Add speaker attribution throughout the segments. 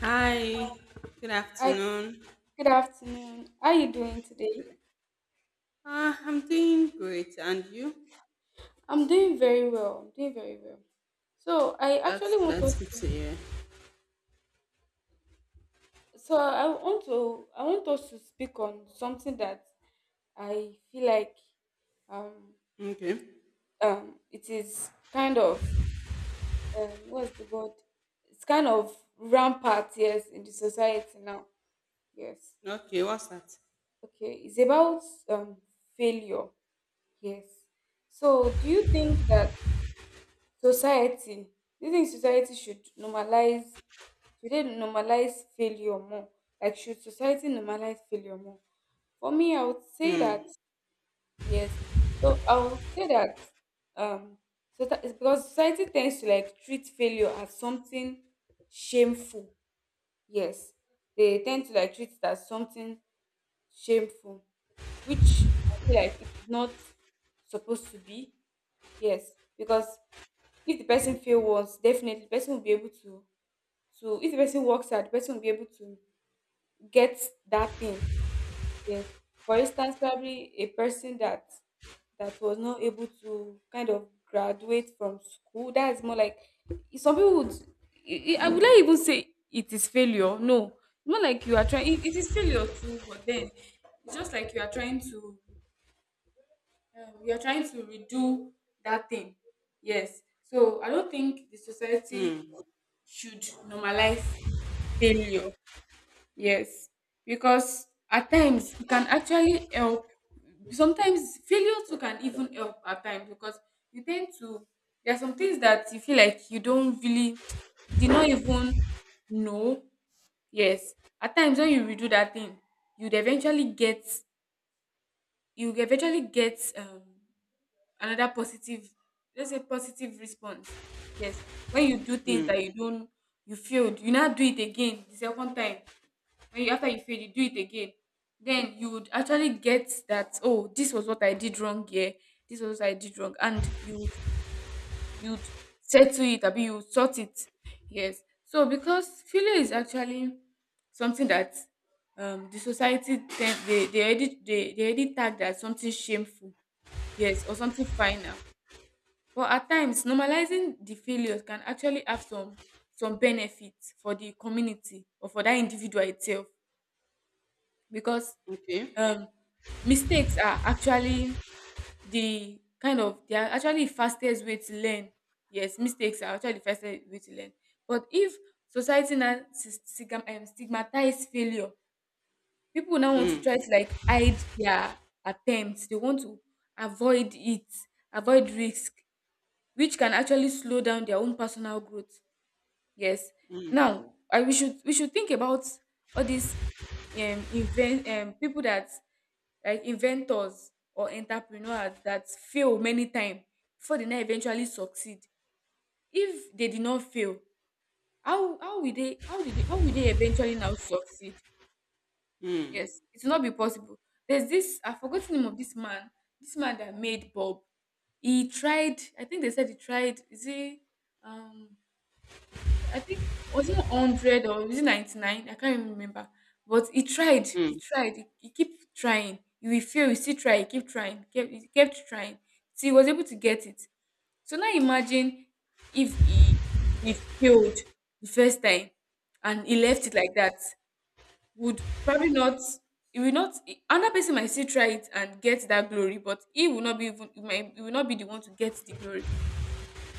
Speaker 1: Hi, good
Speaker 2: Hi,
Speaker 1: afternoon.
Speaker 2: good afternoon. How are you doing today?
Speaker 1: I'm doing great, and you?
Speaker 2: I'm doing very well. I'm doing very well. So I
Speaker 1: That's
Speaker 2: actually want
Speaker 1: that's
Speaker 2: us
Speaker 1: good
Speaker 2: to
Speaker 1: to hear.
Speaker 2: so I want us to speak on something that I feel like, um
Speaker 1: Okay,
Speaker 2: it is kind of, what's the word? It's kind of rampant, yes, in the society now. Yes.
Speaker 1: okay, what's that?
Speaker 2: Okay. It's about, um failure. Yes. So do you think that, Society, do you think society should they normalize failure more? Like should society normalize failure more? For me, I would say that yes. So I would say that, um so that is because society tends to like treat failure as something shameful. Yes. They tend to like treat it as something shameful, which I feel like it is not supposed to be. Yes. Because if the person fail once, definitely the person will be able to. So if the person works hard, the person will be able to get that thing. Yes. For instance, probably a person that was not able to kind of graduate from school. That is more like some people would. I would not even say it is failure. No, it's more like you are trying. It is failure too, but then it's just like you are trying to redo that thing. Yes. So I don't think the society should normalize failure. Yes, because at times it can actually help. Sometimes failure too can even help at times because you tend to, there are some things that you feel like you don't really, you did not even know. Yes, at times when you redo that thing, you'd eventually get, you eventually get, another positive, let's say positive response. Yes, when you do things that
Speaker 1: Mm.
Speaker 2: you don't, you failed, you now do it again the second time. When you, after you fail, you do it again, then you would actually get that, oh, this was what I did wrong here, this was what I did wrong, and you would settle it, abi you would sort it. Yes, so because failure is actually something that, the society tend they already tag as something shameful, yes, or something final. But at times normalizing the failures can actually have some benefits for the community or for that individual itself. Because,
Speaker 1: Okay,
Speaker 2: um, mistakes are actually they are actually the fastest way to learn. Yes, mistakes are actually the fastest way to learn. But if society now stigmatize failure, people now want to try to like hide their attempts. They want to avoid it, avoid risk, which can actually slow down their own personal growth. Yes. Now, we should think about all these, invent people that, like, inventors or entrepreneurs that fail many times before they now eventually succeed. If they did not fail, how will they eventually now succeed?
Speaker 1: mm.
Speaker 2: Yes, it will not be possible. There's this, I've forgotten the name of this man that made Bob. He tried, I think they said he tried, is he um I think, was it 100 or was it 99? I can't even remember. But he tried. He
Speaker 1: Mm.
Speaker 2: tried. He kept trying. He will fail. He still try. He kept trying. He kept trying. So he was able to get it. So now imagine if he failed the first time and he left it like that. Would probably not. He will not. Another person might still try it and get that glory, but he will not be even. He will not be the one to get the glory.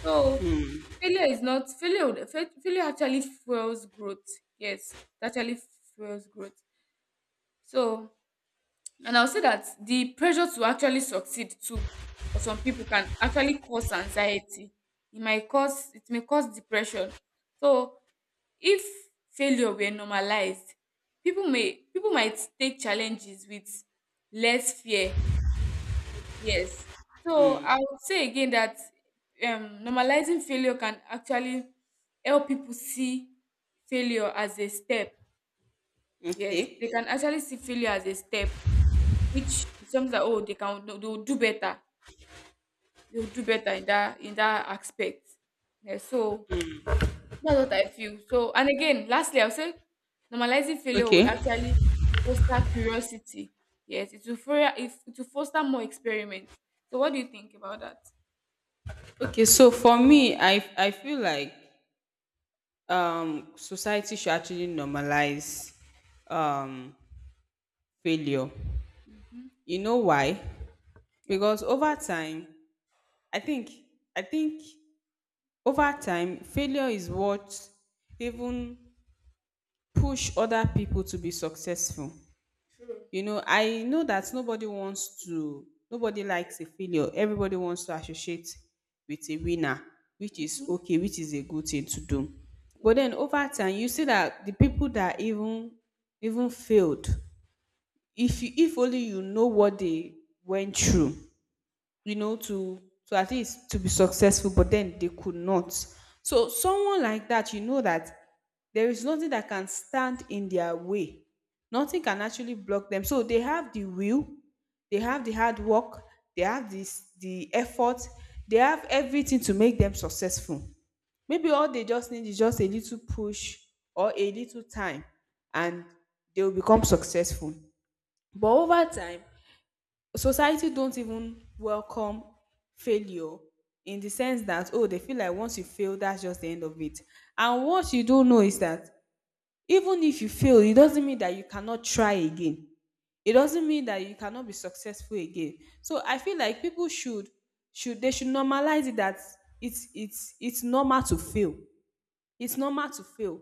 Speaker 2: So failure is not failure. Failure actually fuels growth. Yes, it actually fuels growth. So, and I'll say that the pressure to actually succeed too for some people can actually cause anxiety. It may cause depression. So if failure were normalized, people might take challenges with less fear. Yes. So
Speaker 1: Mm.
Speaker 2: I would say again that, normalizing failure can actually help people see failure as a step. Yes, they
Speaker 1: Okay,
Speaker 2: can actually see failure as a step, which is something that, oh, they will do better. They will do better in that, in that aspect. Yeah, so that's what I feel. So, and again, lastly, I'll say normalizing failure would
Speaker 1: okay,
Speaker 2: actually foster curiosity. Yes, it will, it will foster more experiments. So what do you think about that?
Speaker 1: okay. So for me, I feel like society should actually normalize um failure.
Speaker 2: Mhm.
Speaker 1: You know why?
Speaker 2: Yeah.
Speaker 1: Because over time, I think I think over time, failure is what even push other people to be successful. You know, I know that nobody wants to, nobody likes a failure. Everybody wants to associate with a winner, which is
Speaker 2: Mm-hmm.
Speaker 1: okay, which is a good thing to do. But then over time, you see that the people that even failed, if you, if only you know what they went through, you know, to at least to be successful, but then they could not. So someone like that, you know that there is nothing that can stand in their way. Nothing can actually block them. So they have the will, they have the hard work, they have this the effort, they have everything to make them successful. Maybe all they just need is just a little push or a little time and they will become successful. But over time, society don't even welcome failure in the sense that oh they feel like once you fail that's just the end of it, and what you don't know is that even if you fail, it doesn't mean that you cannot try again. It doesn't mean that you cannot be successful again. So I feel like people should, they should normalize it that it's normal to fail. It's normal to fail.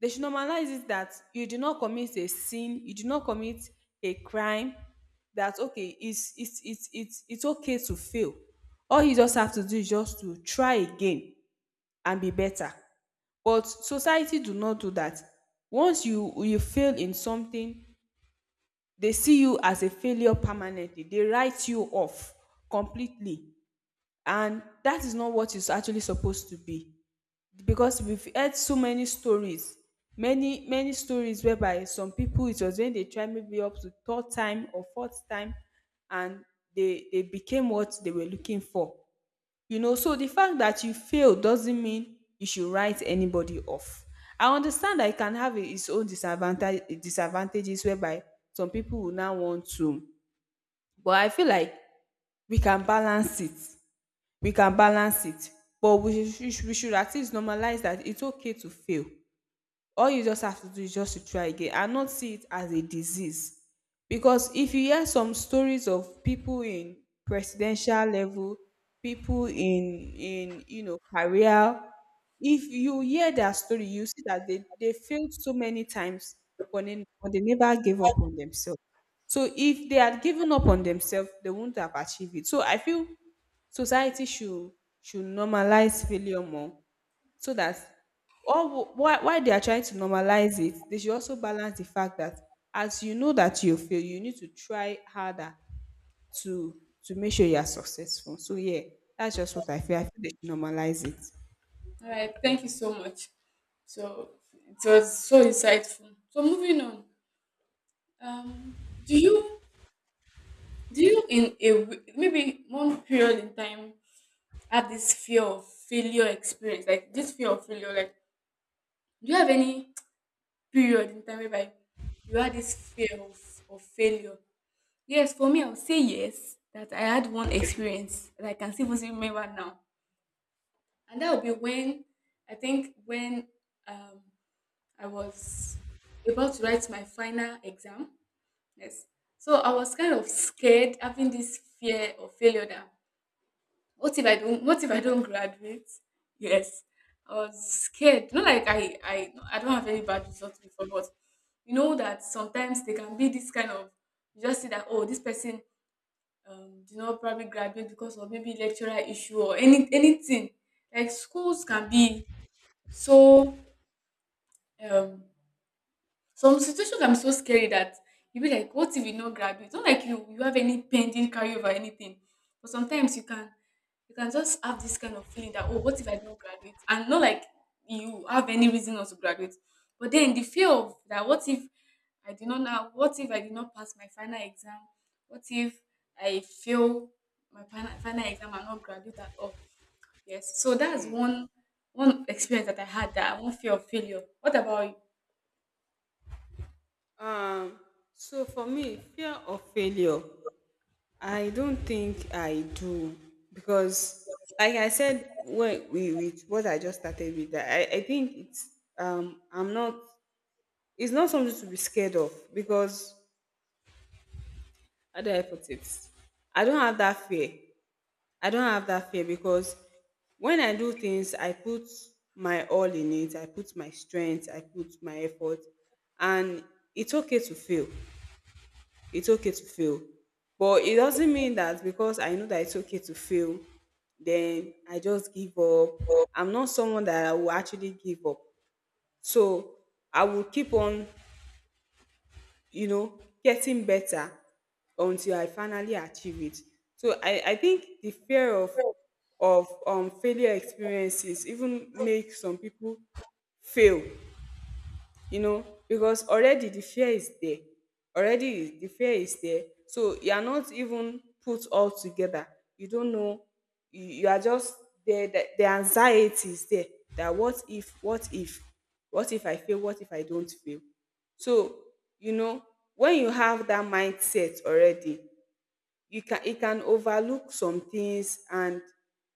Speaker 1: They should normalize it that you do not commit a sin, you do not commit a crime. That okay, it's okay to fail. All you just have to do is just to try again and be better. But society do not do that. Once you fail in something, they see you as a failure permanently. They write you off completely. And that is not what it's actually supposed to be, because we've heard so many stories, many stories whereby some people, it was when they tried maybe up to third time or fourth time and they became what they were looking for. You know, so the fact that you fail doesn't mean you should write anybody off. I understand that it can have its own disadvantages whereby some people will now want to, but I feel like we can balance it we can balance it, but we should at least normalize that it's okay to fail. All you just have to do is just to try again and not see it as a disease, because if you hear some stories of people in presidential level, people in you know career, if you hear their story, you see that they failed so many times, but they never gave up on themselves. So if they had given up on themselves, they wouldn't have achieved it. So I feel society should normalize failure more so that, or why they are trying to normalize it, they should also balance the fact that as you know that you fail, you need to try harder to make sure you are successful. So yeah, that's just what I feel. I feel they should normalize it.
Speaker 2: All right. Thank you so much. So it was so insightful. So moving on. Um, do you do you in a maybe one period in time have this fear of failure experience? Like this fear of failure. Like do you have any period in time whereby you had this fear of failure? Yes, for me, I would say yes. That I had one experience that I can still even remember now, and that would be when, I think when um I was about to write my final exam. Yes. So I was kind of scared, having this fear of failure that, what if I don't graduate? Yes. I was scared. Not like I don't have any bad results before, but you know that sometimes they can be this kind of, you just see that, oh, this person, did not probably graduate because of maybe lecturer issue or any anything. Like schools can be so, um some situations I'm so scary that, you be like, what if you not grab it? It's not like you have any pending carryover or anything. But sometimes you can just have this kind of feeling that, oh, what if I don't graduate? And not like you have any reason not to graduate. But then the fear of that, what if I did not pass my final exam? What if I fail my final, final exam and not graduate at all? Yes. So that's
Speaker 1: Mm.
Speaker 2: one experience that I had, that one fear of failure. What about you?
Speaker 1: um so for me, fear of failure, I don't think I do, because like I said, when we with what I just started with that I think it's I'm not, it's not something to be scared of, because how do I put it? I don't have that fear. I don't have that fear because when I do things, I put my all in it. I put my strength. I put my effort. And it's okay to fail. It's okay to fail. But it doesn't mean that because I know that it's okay to fail, then I just give up. I'm not someone that I will actually give up. So I will keep on, you know, getting better until I finally achieve it. So I think the fear of failure experiences even make some people fail, you know, because already the fear is there already the fear is there, so you are not even put all together, you don't know, you are just there, the anxiety is there that what if, what if I fail, what if I don't fail. So you know, when you have that mindset already, you can, it can overlook some things, and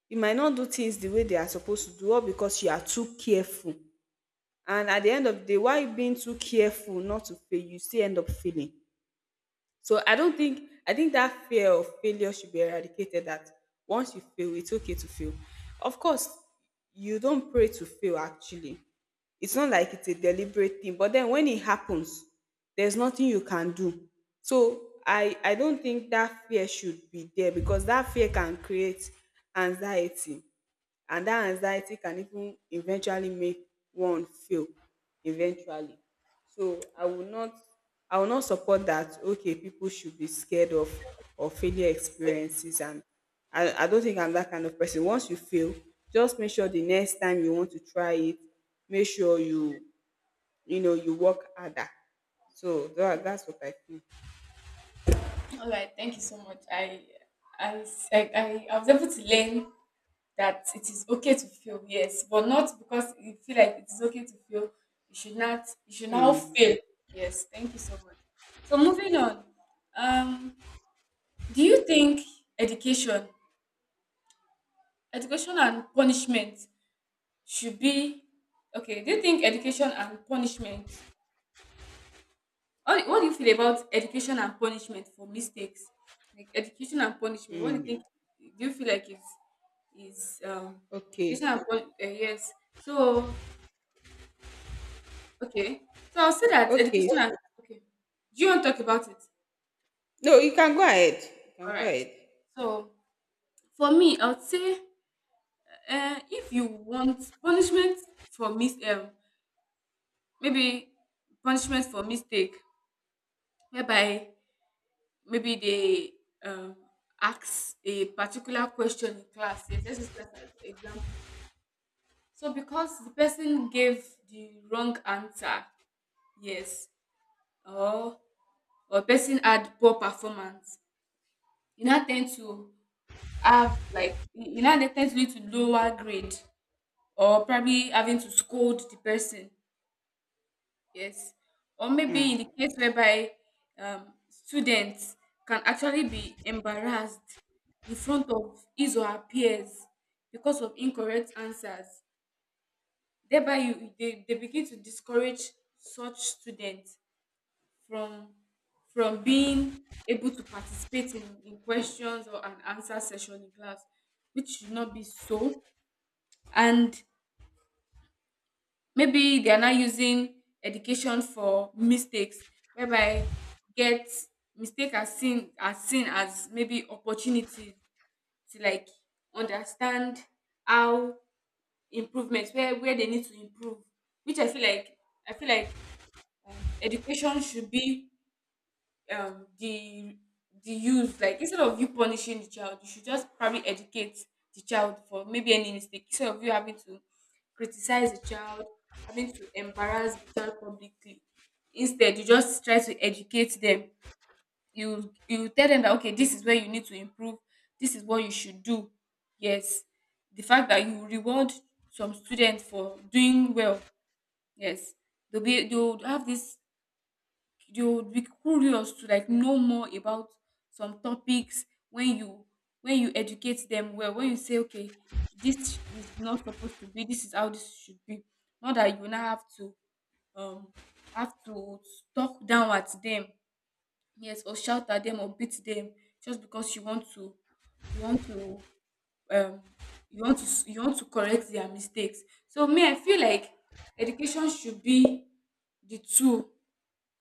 Speaker 1: you might not do things the way they are supposed to do all because you are too careful. And at the end of the day, why you being too careful not to fail, you still end up failing. So I don't think, I think that fear of failure should be eradicated, that once you fail, it's okay to fail. Of course, you don't pray to fail actually. It's not like it's a deliberate thing, but then when it happens, there's nothing you can do. So I don't think that fear should be there, because that fear can create anxiety, and that anxiety can even eventually make one fail eventually. So I will not support that okay, people should be scared of failure experiences, and I don't think I'm that kind of person. Once you fail, just make sure the next time you want to try it, make sure you, you know, you work harder. So that's what I think.
Speaker 2: All right, thank you so much. I, s- I was able to learn that it is okay to feel, yes, but not because you feel like it is okay to feel. You should not. You should now
Speaker 1: Mm,
Speaker 2: fail. Yes, thank you so much. So moving on, um, do you think education, education and punishment should be, okay? Do you think education and punishment? What do you feel about education and punishment for mistakes? Like education and punishment. What do you
Speaker 1: mm.
Speaker 2: think? Do you feel like it's, is, education
Speaker 1: Okay.
Speaker 2: and yes. So, okay, so I'll say that
Speaker 1: Okay.
Speaker 2: education and, okay. Do you want to talk about it?
Speaker 1: No, you can go ahead. You can
Speaker 2: All
Speaker 1: go
Speaker 2: right.
Speaker 1: ahead.
Speaker 2: So for me, I would say, if you want punishment for mis maybe punishment for mistake, whereby maybe they, um, ask a particular question in class. Yes, let's use that as an example. So because the person gave the wrong answer, yes, or or person had poor performance, you now tend to have, like, you now they tend to lead to lower grade or probably having to scold the person. Yes. Or maybe in
Speaker 1: Mm.
Speaker 2: the case whereby, students can actually be embarrassed in front of his or her peers because of incorrect answers. Thereby they begin to discourage such students from from being able to participate in questions or an answer session in class, which should not be so. And maybe they are not using education for mistakes, whereby get mistake as seen as maybe opportunity to like understand how improvements, where they need to improve, which I feel like, education should be, um the the use like, instead of you punishing the child, you should just probably educate the child for maybe any mistake, instead of you having to criticize the child, having to embarrass the child publicly. Instead, you just try to educate them. You tell them that, okay, this is where you need to improve, this is what you should do. Yes, the fact that you reward some students for doing well, yes, they'll have this, they would be curious to like know more about some topics, when you educate them well, when you say, okay, this is not supposed to be, this is how this should be, not that you now have to, um have to talk down at them, yes, or shout at them or beat them, just because you want to um you want to correct their mistakes. So, me, I feel like education should be the tool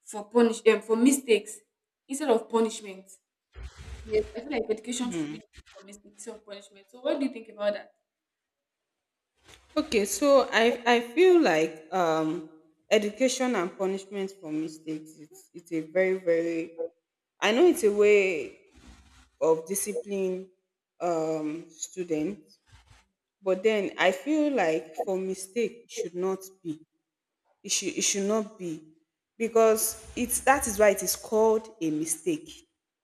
Speaker 2: for punish for mistakes instead of punishment. Yes, I feel like education should be for mistakes instead of punishment. So what do you think about that?
Speaker 1: Okay, so I feel like education and punishment for mistakes, it's a very I know it's a way of discipline students, but then I feel like for mistake it should not be, it should not be, because it's that is why it is called a mistake.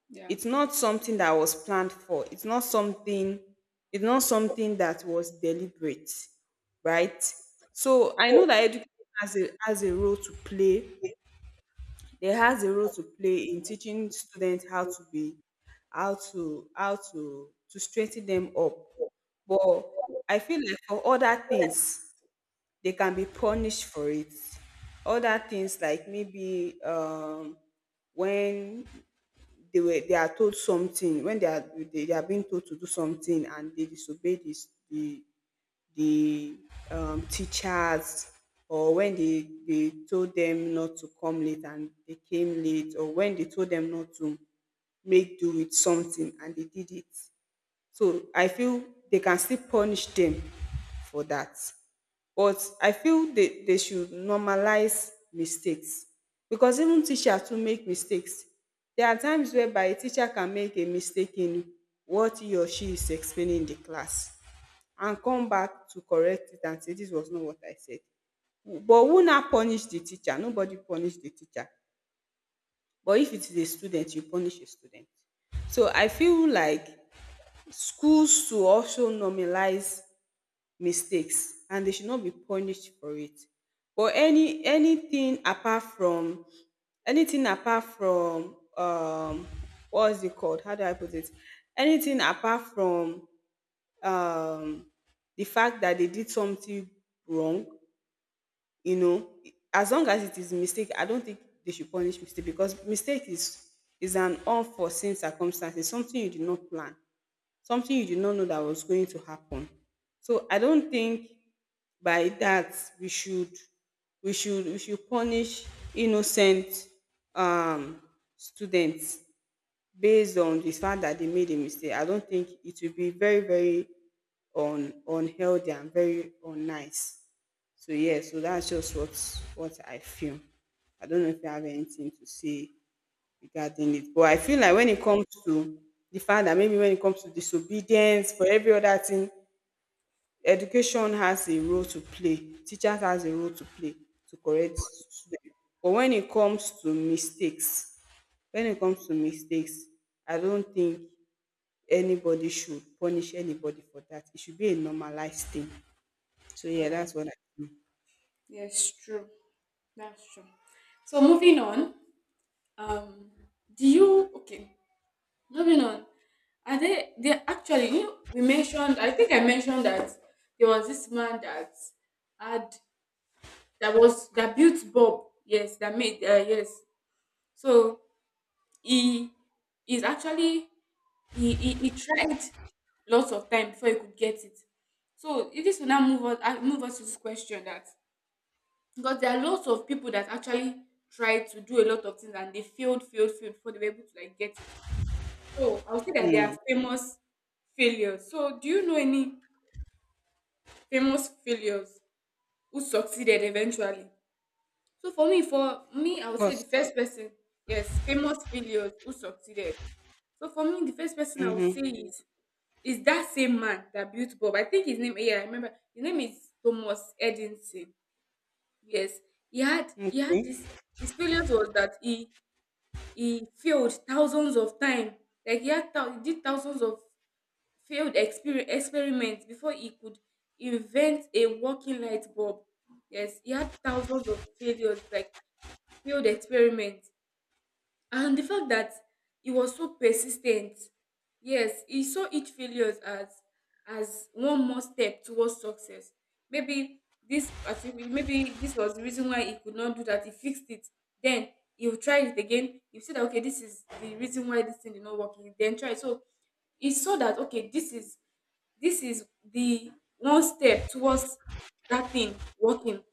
Speaker 2: Yeah.
Speaker 1: It's not something that was planned for, it's not something that was deliberate, right? So I know that education has a role to play. It has a role to play in teaching students how to be, how to straighten them up. But I feel like for other things, they can be punished for it. Other things like maybe when they are told something, when they are, they are being told to do something and they disobey this the the teachers, or when they told them not to come late and they came late, or when they told them not to make do with something and they did it. So I feel they can still punish them for that. But I feel they should normalize mistakes, because even teacher too make mistakes. There are times whereby a teacher can make a mistake in what he or she is explaining in the class and come back to correct it and say this was not what I said. But who now punish the teacher? Nobody punish the teacher. But if it is a student, you punish a student. So I feel like schools should also normalize mistakes and they should not be punished for it. But any, anything apart from what's it called, how do I put it, anything apart from um the fact that they did something wrong, you know, as long as it is a mistake, I don't think they should punish mistake, because mistake is an unforeseen circumstance. It's something you did not plan, something you did not know that was going to happen. So I don't think by that we should we should punish innocent um students based on the fact that they made a mistake. I don't think it will be very unhealthy and very unnice. So yeah, so that's just what I feel. I don't know if you have anything to say regarding it. But I feel like when it comes to the fact that maybe when it comes to disobedience, for every other thing, education has a role to play. Teachers has a role to play to correct students. But when it comes to mistakes, I don't think anybody should punish anybody for that. It should be a normalized thing. So
Speaker 2: All
Speaker 1: yeah,
Speaker 2: right.
Speaker 1: that's what I think.
Speaker 2: Yes, true. That's true. So moving on. Um, do you okay? Moving on. Are they actually, we mentioned, I think I mentioned that there was this man that had that was that built Bob, yes, that made, yes. So he is actually, he tried lots of time before he could get it. So if this will now move us to this question, that because there are lots of people that actually tried to do a lot of things and they failed, failed, failed before they were able to like get it. So I would say that they are famous failures. So do you know any famous failures who succeeded eventually? So for me, for
Speaker 1: Of
Speaker 2: me, I would say
Speaker 1: course.
Speaker 2: the first person, yes, famous failures who succeeded. So for me, the first person I would say
Speaker 1: Mm-hmm.
Speaker 2: is, it's that same man that built Bob. I think his name, yeah, I remember. His name is Thomas Edison. Yes, he had
Speaker 1: Okay.
Speaker 2: this. His failures was that he failed thousands of times. Like he did thousands of failed experiments before he could invent a working light bulb. Yes, he had thousands of failures, like failed experiments, and the fact that he was so persistent, yes, he saw each failures as one more step towards success. Maybe maybe this was the reason why he could not do that, he fixed it, then he'll try it again. He said that, okay, this is the reason why this thing did not work, he then try. So he saw that, okay, this is the one step towards that thing working.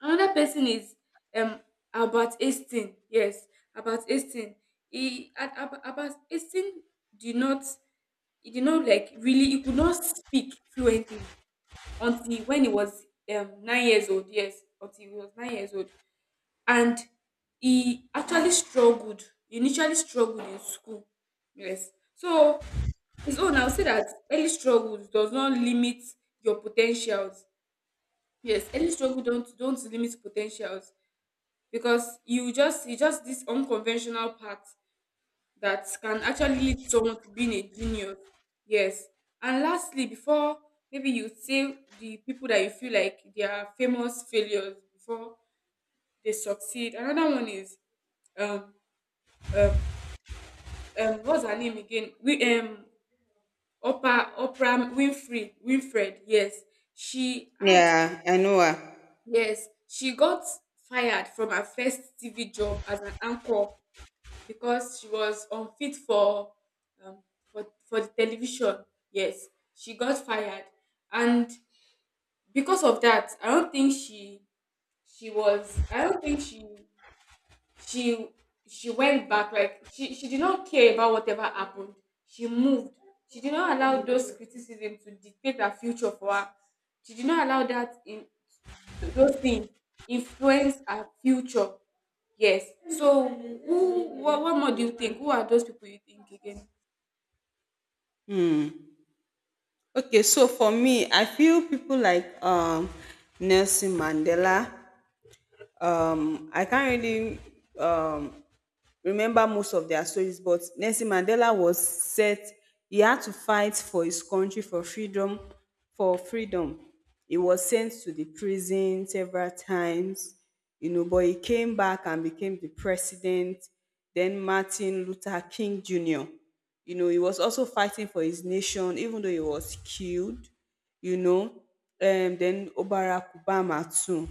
Speaker 2: Another person is, um Albert Einstein. Yes, Albert Einstein. Albert Einstein did not he did not like really, he could not speak fluently until when he was, 9 years old. Yes, until he was 9 years old, and he actually struggled. He initially struggled in school. Yes, so his own, I'll say that early struggles does not limit your potentials. Yes, early struggle don't limit potentials, because you just it's just this unconventional path that can actually lead someone to being a genius. Yes. And lastly, before maybe you say the people that you feel like they are famous failures before they succeed. Another one is, um um what's her name again? We Oprah, Winfrey Winfred. Yes, she had
Speaker 1: Yeah, I know her.
Speaker 2: yes, she got fired from her first TV job as an anchor because she was unfit for, um, the television. Yes, she got fired, and because of that, I don't think she was. I don't think she she went back. Like she did not care about whatever happened. She moved. She did not allow those criticism to dictate her future for her. She did not allow that in those things influence her future. Yes. So, what more do you think? Who are those people you think again?
Speaker 1: Okay, so for me, I feel people like Nelson Mandela. I can't really um, remember most of their stories. But Nelson Mandela was set, he had to fight for his country for freedom, for freedom. He was sent to the prison several times, you know, but he came back and became the president. Then Martin Luther King Jr. You know, he was also fighting for his nation, even though he was killed, you know. Then Obarak Obama too.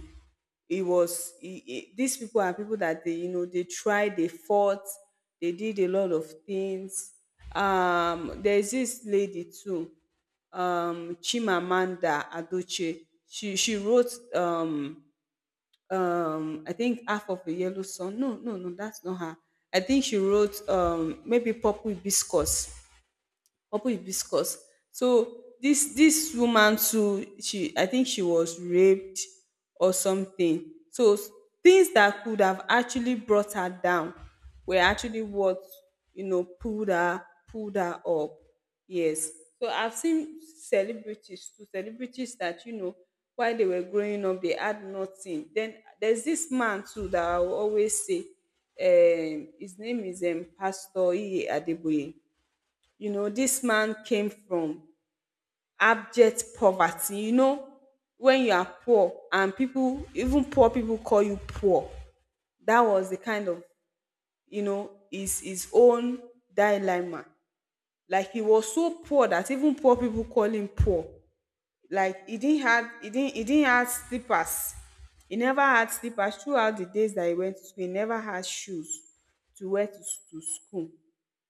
Speaker 1: It was these people are people that they they tried they fought they Did a lot of things. Um, there's this lady too. Um, Chimamanda Adochie, she wrote um, I think Half of the Yellow Sun. No, that's not her. I think she wrote um, maybe Purple Hibiscus. Purple is Viscous. So this woman too, she, I think she was raped or something. Things that could have actually brought her down were actually what, you know, pulled her up. Yes. So I've seen celebrities too, celebrities that, you know, while they were growing up they had nothing. Then there's this man too that I will always say. Um, his name is um, Pastor Iye Adeboye. You know, this man came from abject poverty, you know. When you are poor and people, even poor people, call you poor, that was the kind of, you know, his own dilemma. Like he was so poor that even poor people call him poor. Like he didn't have slippers. He never had slippers throughout the days that he went to school. He never had shoes to wear to school,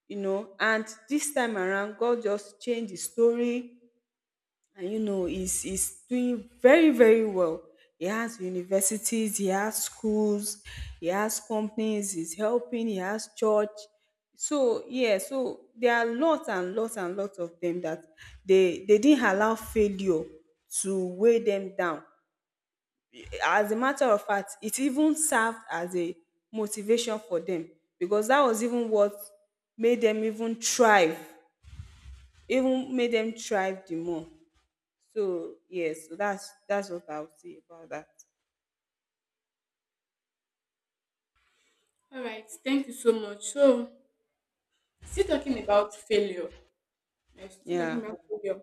Speaker 1: you know. And this time around, God just changed the story. And you know, he's doing very very well. He has universities, he has schools, he has companies, he's helping, he has church. So yeah, so there are lots and lots and lots of them that they didn't allow failure to weigh them down. As a matter of fact, it even served as a motivation for them, because that was even what made them even thrive, even made them thrive the more. So yes, so that's what I'll say about that.
Speaker 2: All right. Thank you so much. So, still talking about failure. Yes, still talking
Speaker 1: Yeah.
Speaker 2: about failure.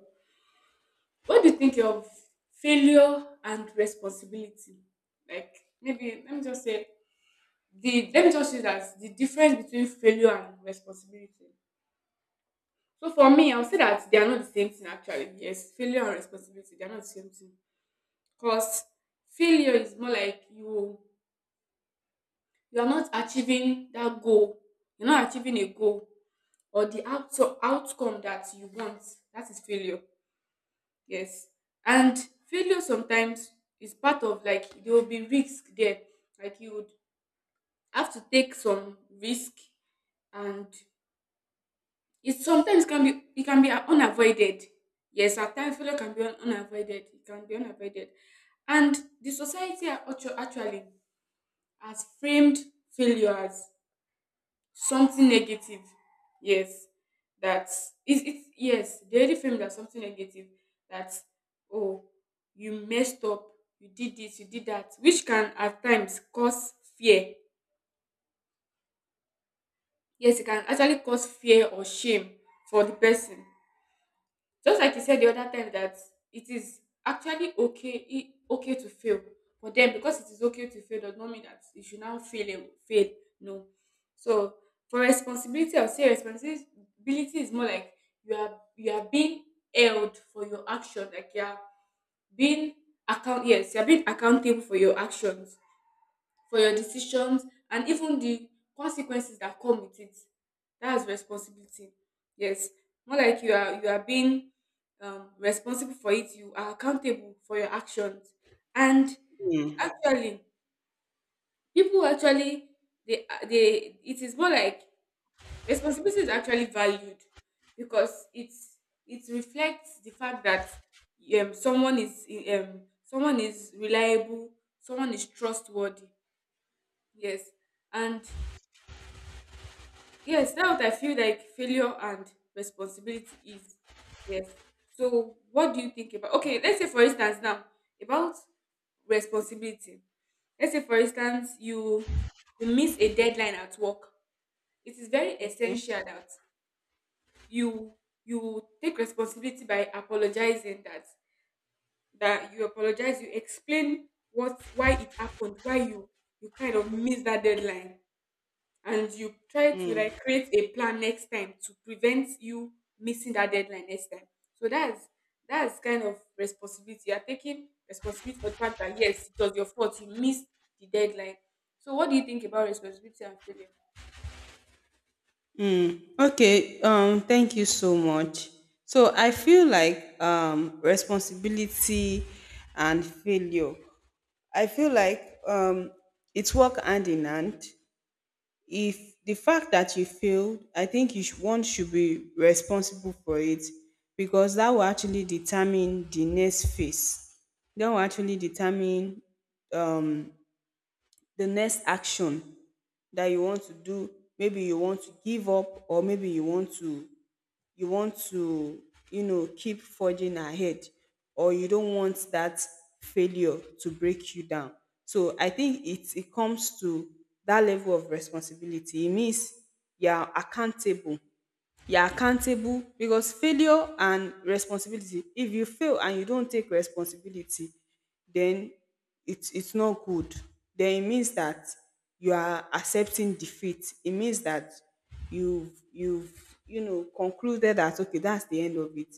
Speaker 2: What do you think of failure and responsibility? Like, maybe, let me just say that the difference between failure and responsibility. So, for me, I'll say that they are not the same thing, actually. Yes, failure and responsibility, they are not the same thing. Because failure is more like you are not achieving that goal, you're not achieving a goal, or the outcome that you want, that is failure, yes. And failure sometimes is part of, like there will be risk there, like you would have to take some risk, and it sometimes can be it can be unavoided. Yes, at times failure can be unavoided, it can be unavoided. And the society actually has framed failure as something negative, yes. That is it, yes, they already framed it as something negative, that, oh, you messed up, you did this, you did that, which can at times cause fear. Yes, it can actually cause fear or shame for the person. Just like you said the other time that it is actually okay to fail. But then, because it is okay to fail, does not mean that you should now fail and fail. No. So for responsibility, I'll say responsibility is more like you are being held for your action. Like you are being accountable for your actions, for your decisions, and even the consequences that come with it. That's responsibility. Yes, more like you are being, responsible for it. You are accountable for your actions. And
Speaker 1: Hmm.
Speaker 2: actually, people actually, they it is more like responsibility is actually valued, because it reflects the fact that, someone is, someone is reliable, someone is trustworthy. Yes. and Yes, that's what I feel like failure and responsibility is. Yes. So what do you think about, okay, let's say for instance now about responsibility. Let's say for instance you miss a deadline at work. It is very
Speaker 1: Okay.
Speaker 2: essential that you you take responsibility by apologizing, that you apologize, you explain what why it happened, why you kind of missed that deadline, and you try to like create a plan next time to prevent you missing that deadline next time. So that's kind of responsibility. You're taking responsibility for the fact that, yes, it was your fault, you missed the deadline. So what do you think about responsibility and failure?
Speaker 1: Okay. Thank you so much. So I feel like um, responsibility and failure. I feel like um, it's work hand in hand. If the fact that you failed, I think you should, one should be responsible for it, because that will actually determine the next phase. That will actually determine um. the next action that you want to do. Maybe you want to give up, or maybe you want to you know keep forging ahead, or you don't want that failure to break you down. So I think it comes to that level of responsibility. It means you are accountable. You're accountable because failure and responsibility, if you fail and you don't take responsibility, then it's not good. Then it means that you are accepting defeat. It means that you've you know concluded that okay, that's the end of it.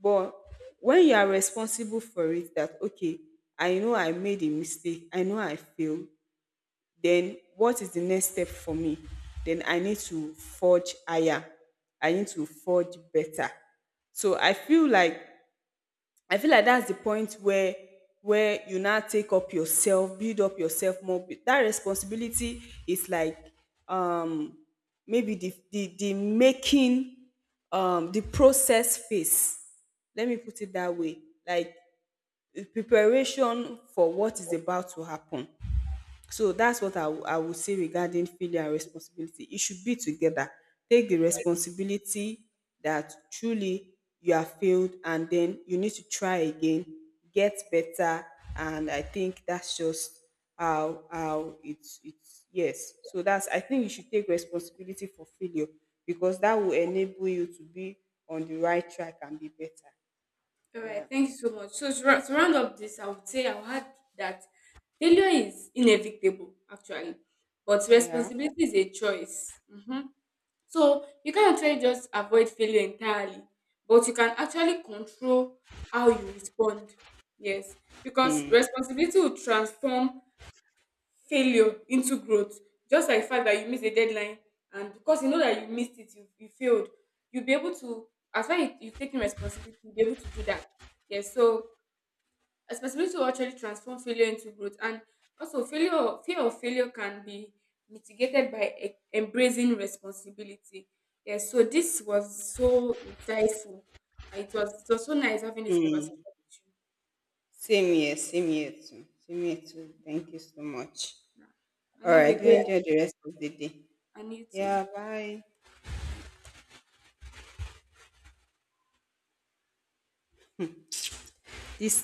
Speaker 1: But when you are responsible for it, that okay, I know I made a mistake, I know I failed, then what is the next step for me? Then I need to forge higher. I need to forge better. So I feel like that's the point where you now take up yourself, build up yourself more. That responsibility is like um, maybe the making um, the process phase. Let me put it that way. Like the preparation for what is about to happen. So that's what I would say regarding failure and responsibility. It should be together. Take the responsibility that truly you are failed and then you need to try again, get better. And I think that's just how it's yes. So that's I think you should take responsibility for failure, because that will enable you to be on the right track and be better.
Speaker 2: All right,
Speaker 1: Yeah.
Speaker 2: thank you so much. So to round up this, I would say I would add that failure is inevitable, actually, but
Speaker 1: Yeah.
Speaker 2: responsibility is a choice. Mhm. So you can't actually just avoid failure entirely, but you can actually control how you respond. Yes, because
Speaker 1: Hmm.
Speaker 2: responsibility will transform failure into growth. Just like the fact that you missed a deadline, and because you know that you missed it, you failed, you'll be able to, as far as you've taken responsibility, you'll be able to do that. Yes, so responsibility to actually transform failure into growth. And also, failure fear of failure can be mitigated by embracing responsibility. Yes, so this was so insightful, and it was so nice having this conversation with you.
Speaker 1: Same here too. Same here too. Thank you so much.
Speaker 2: Yeah. And
Speaker 1: All
Speaker 2: have a
Speaker 1: right, do
Speaker 2: great,
Speaker 1: enjoy the rest of the day.
Speaker 2: and you too.
Speaker 1: Yeah, bye.
Speaker 2: Bye.
Speaker 1: This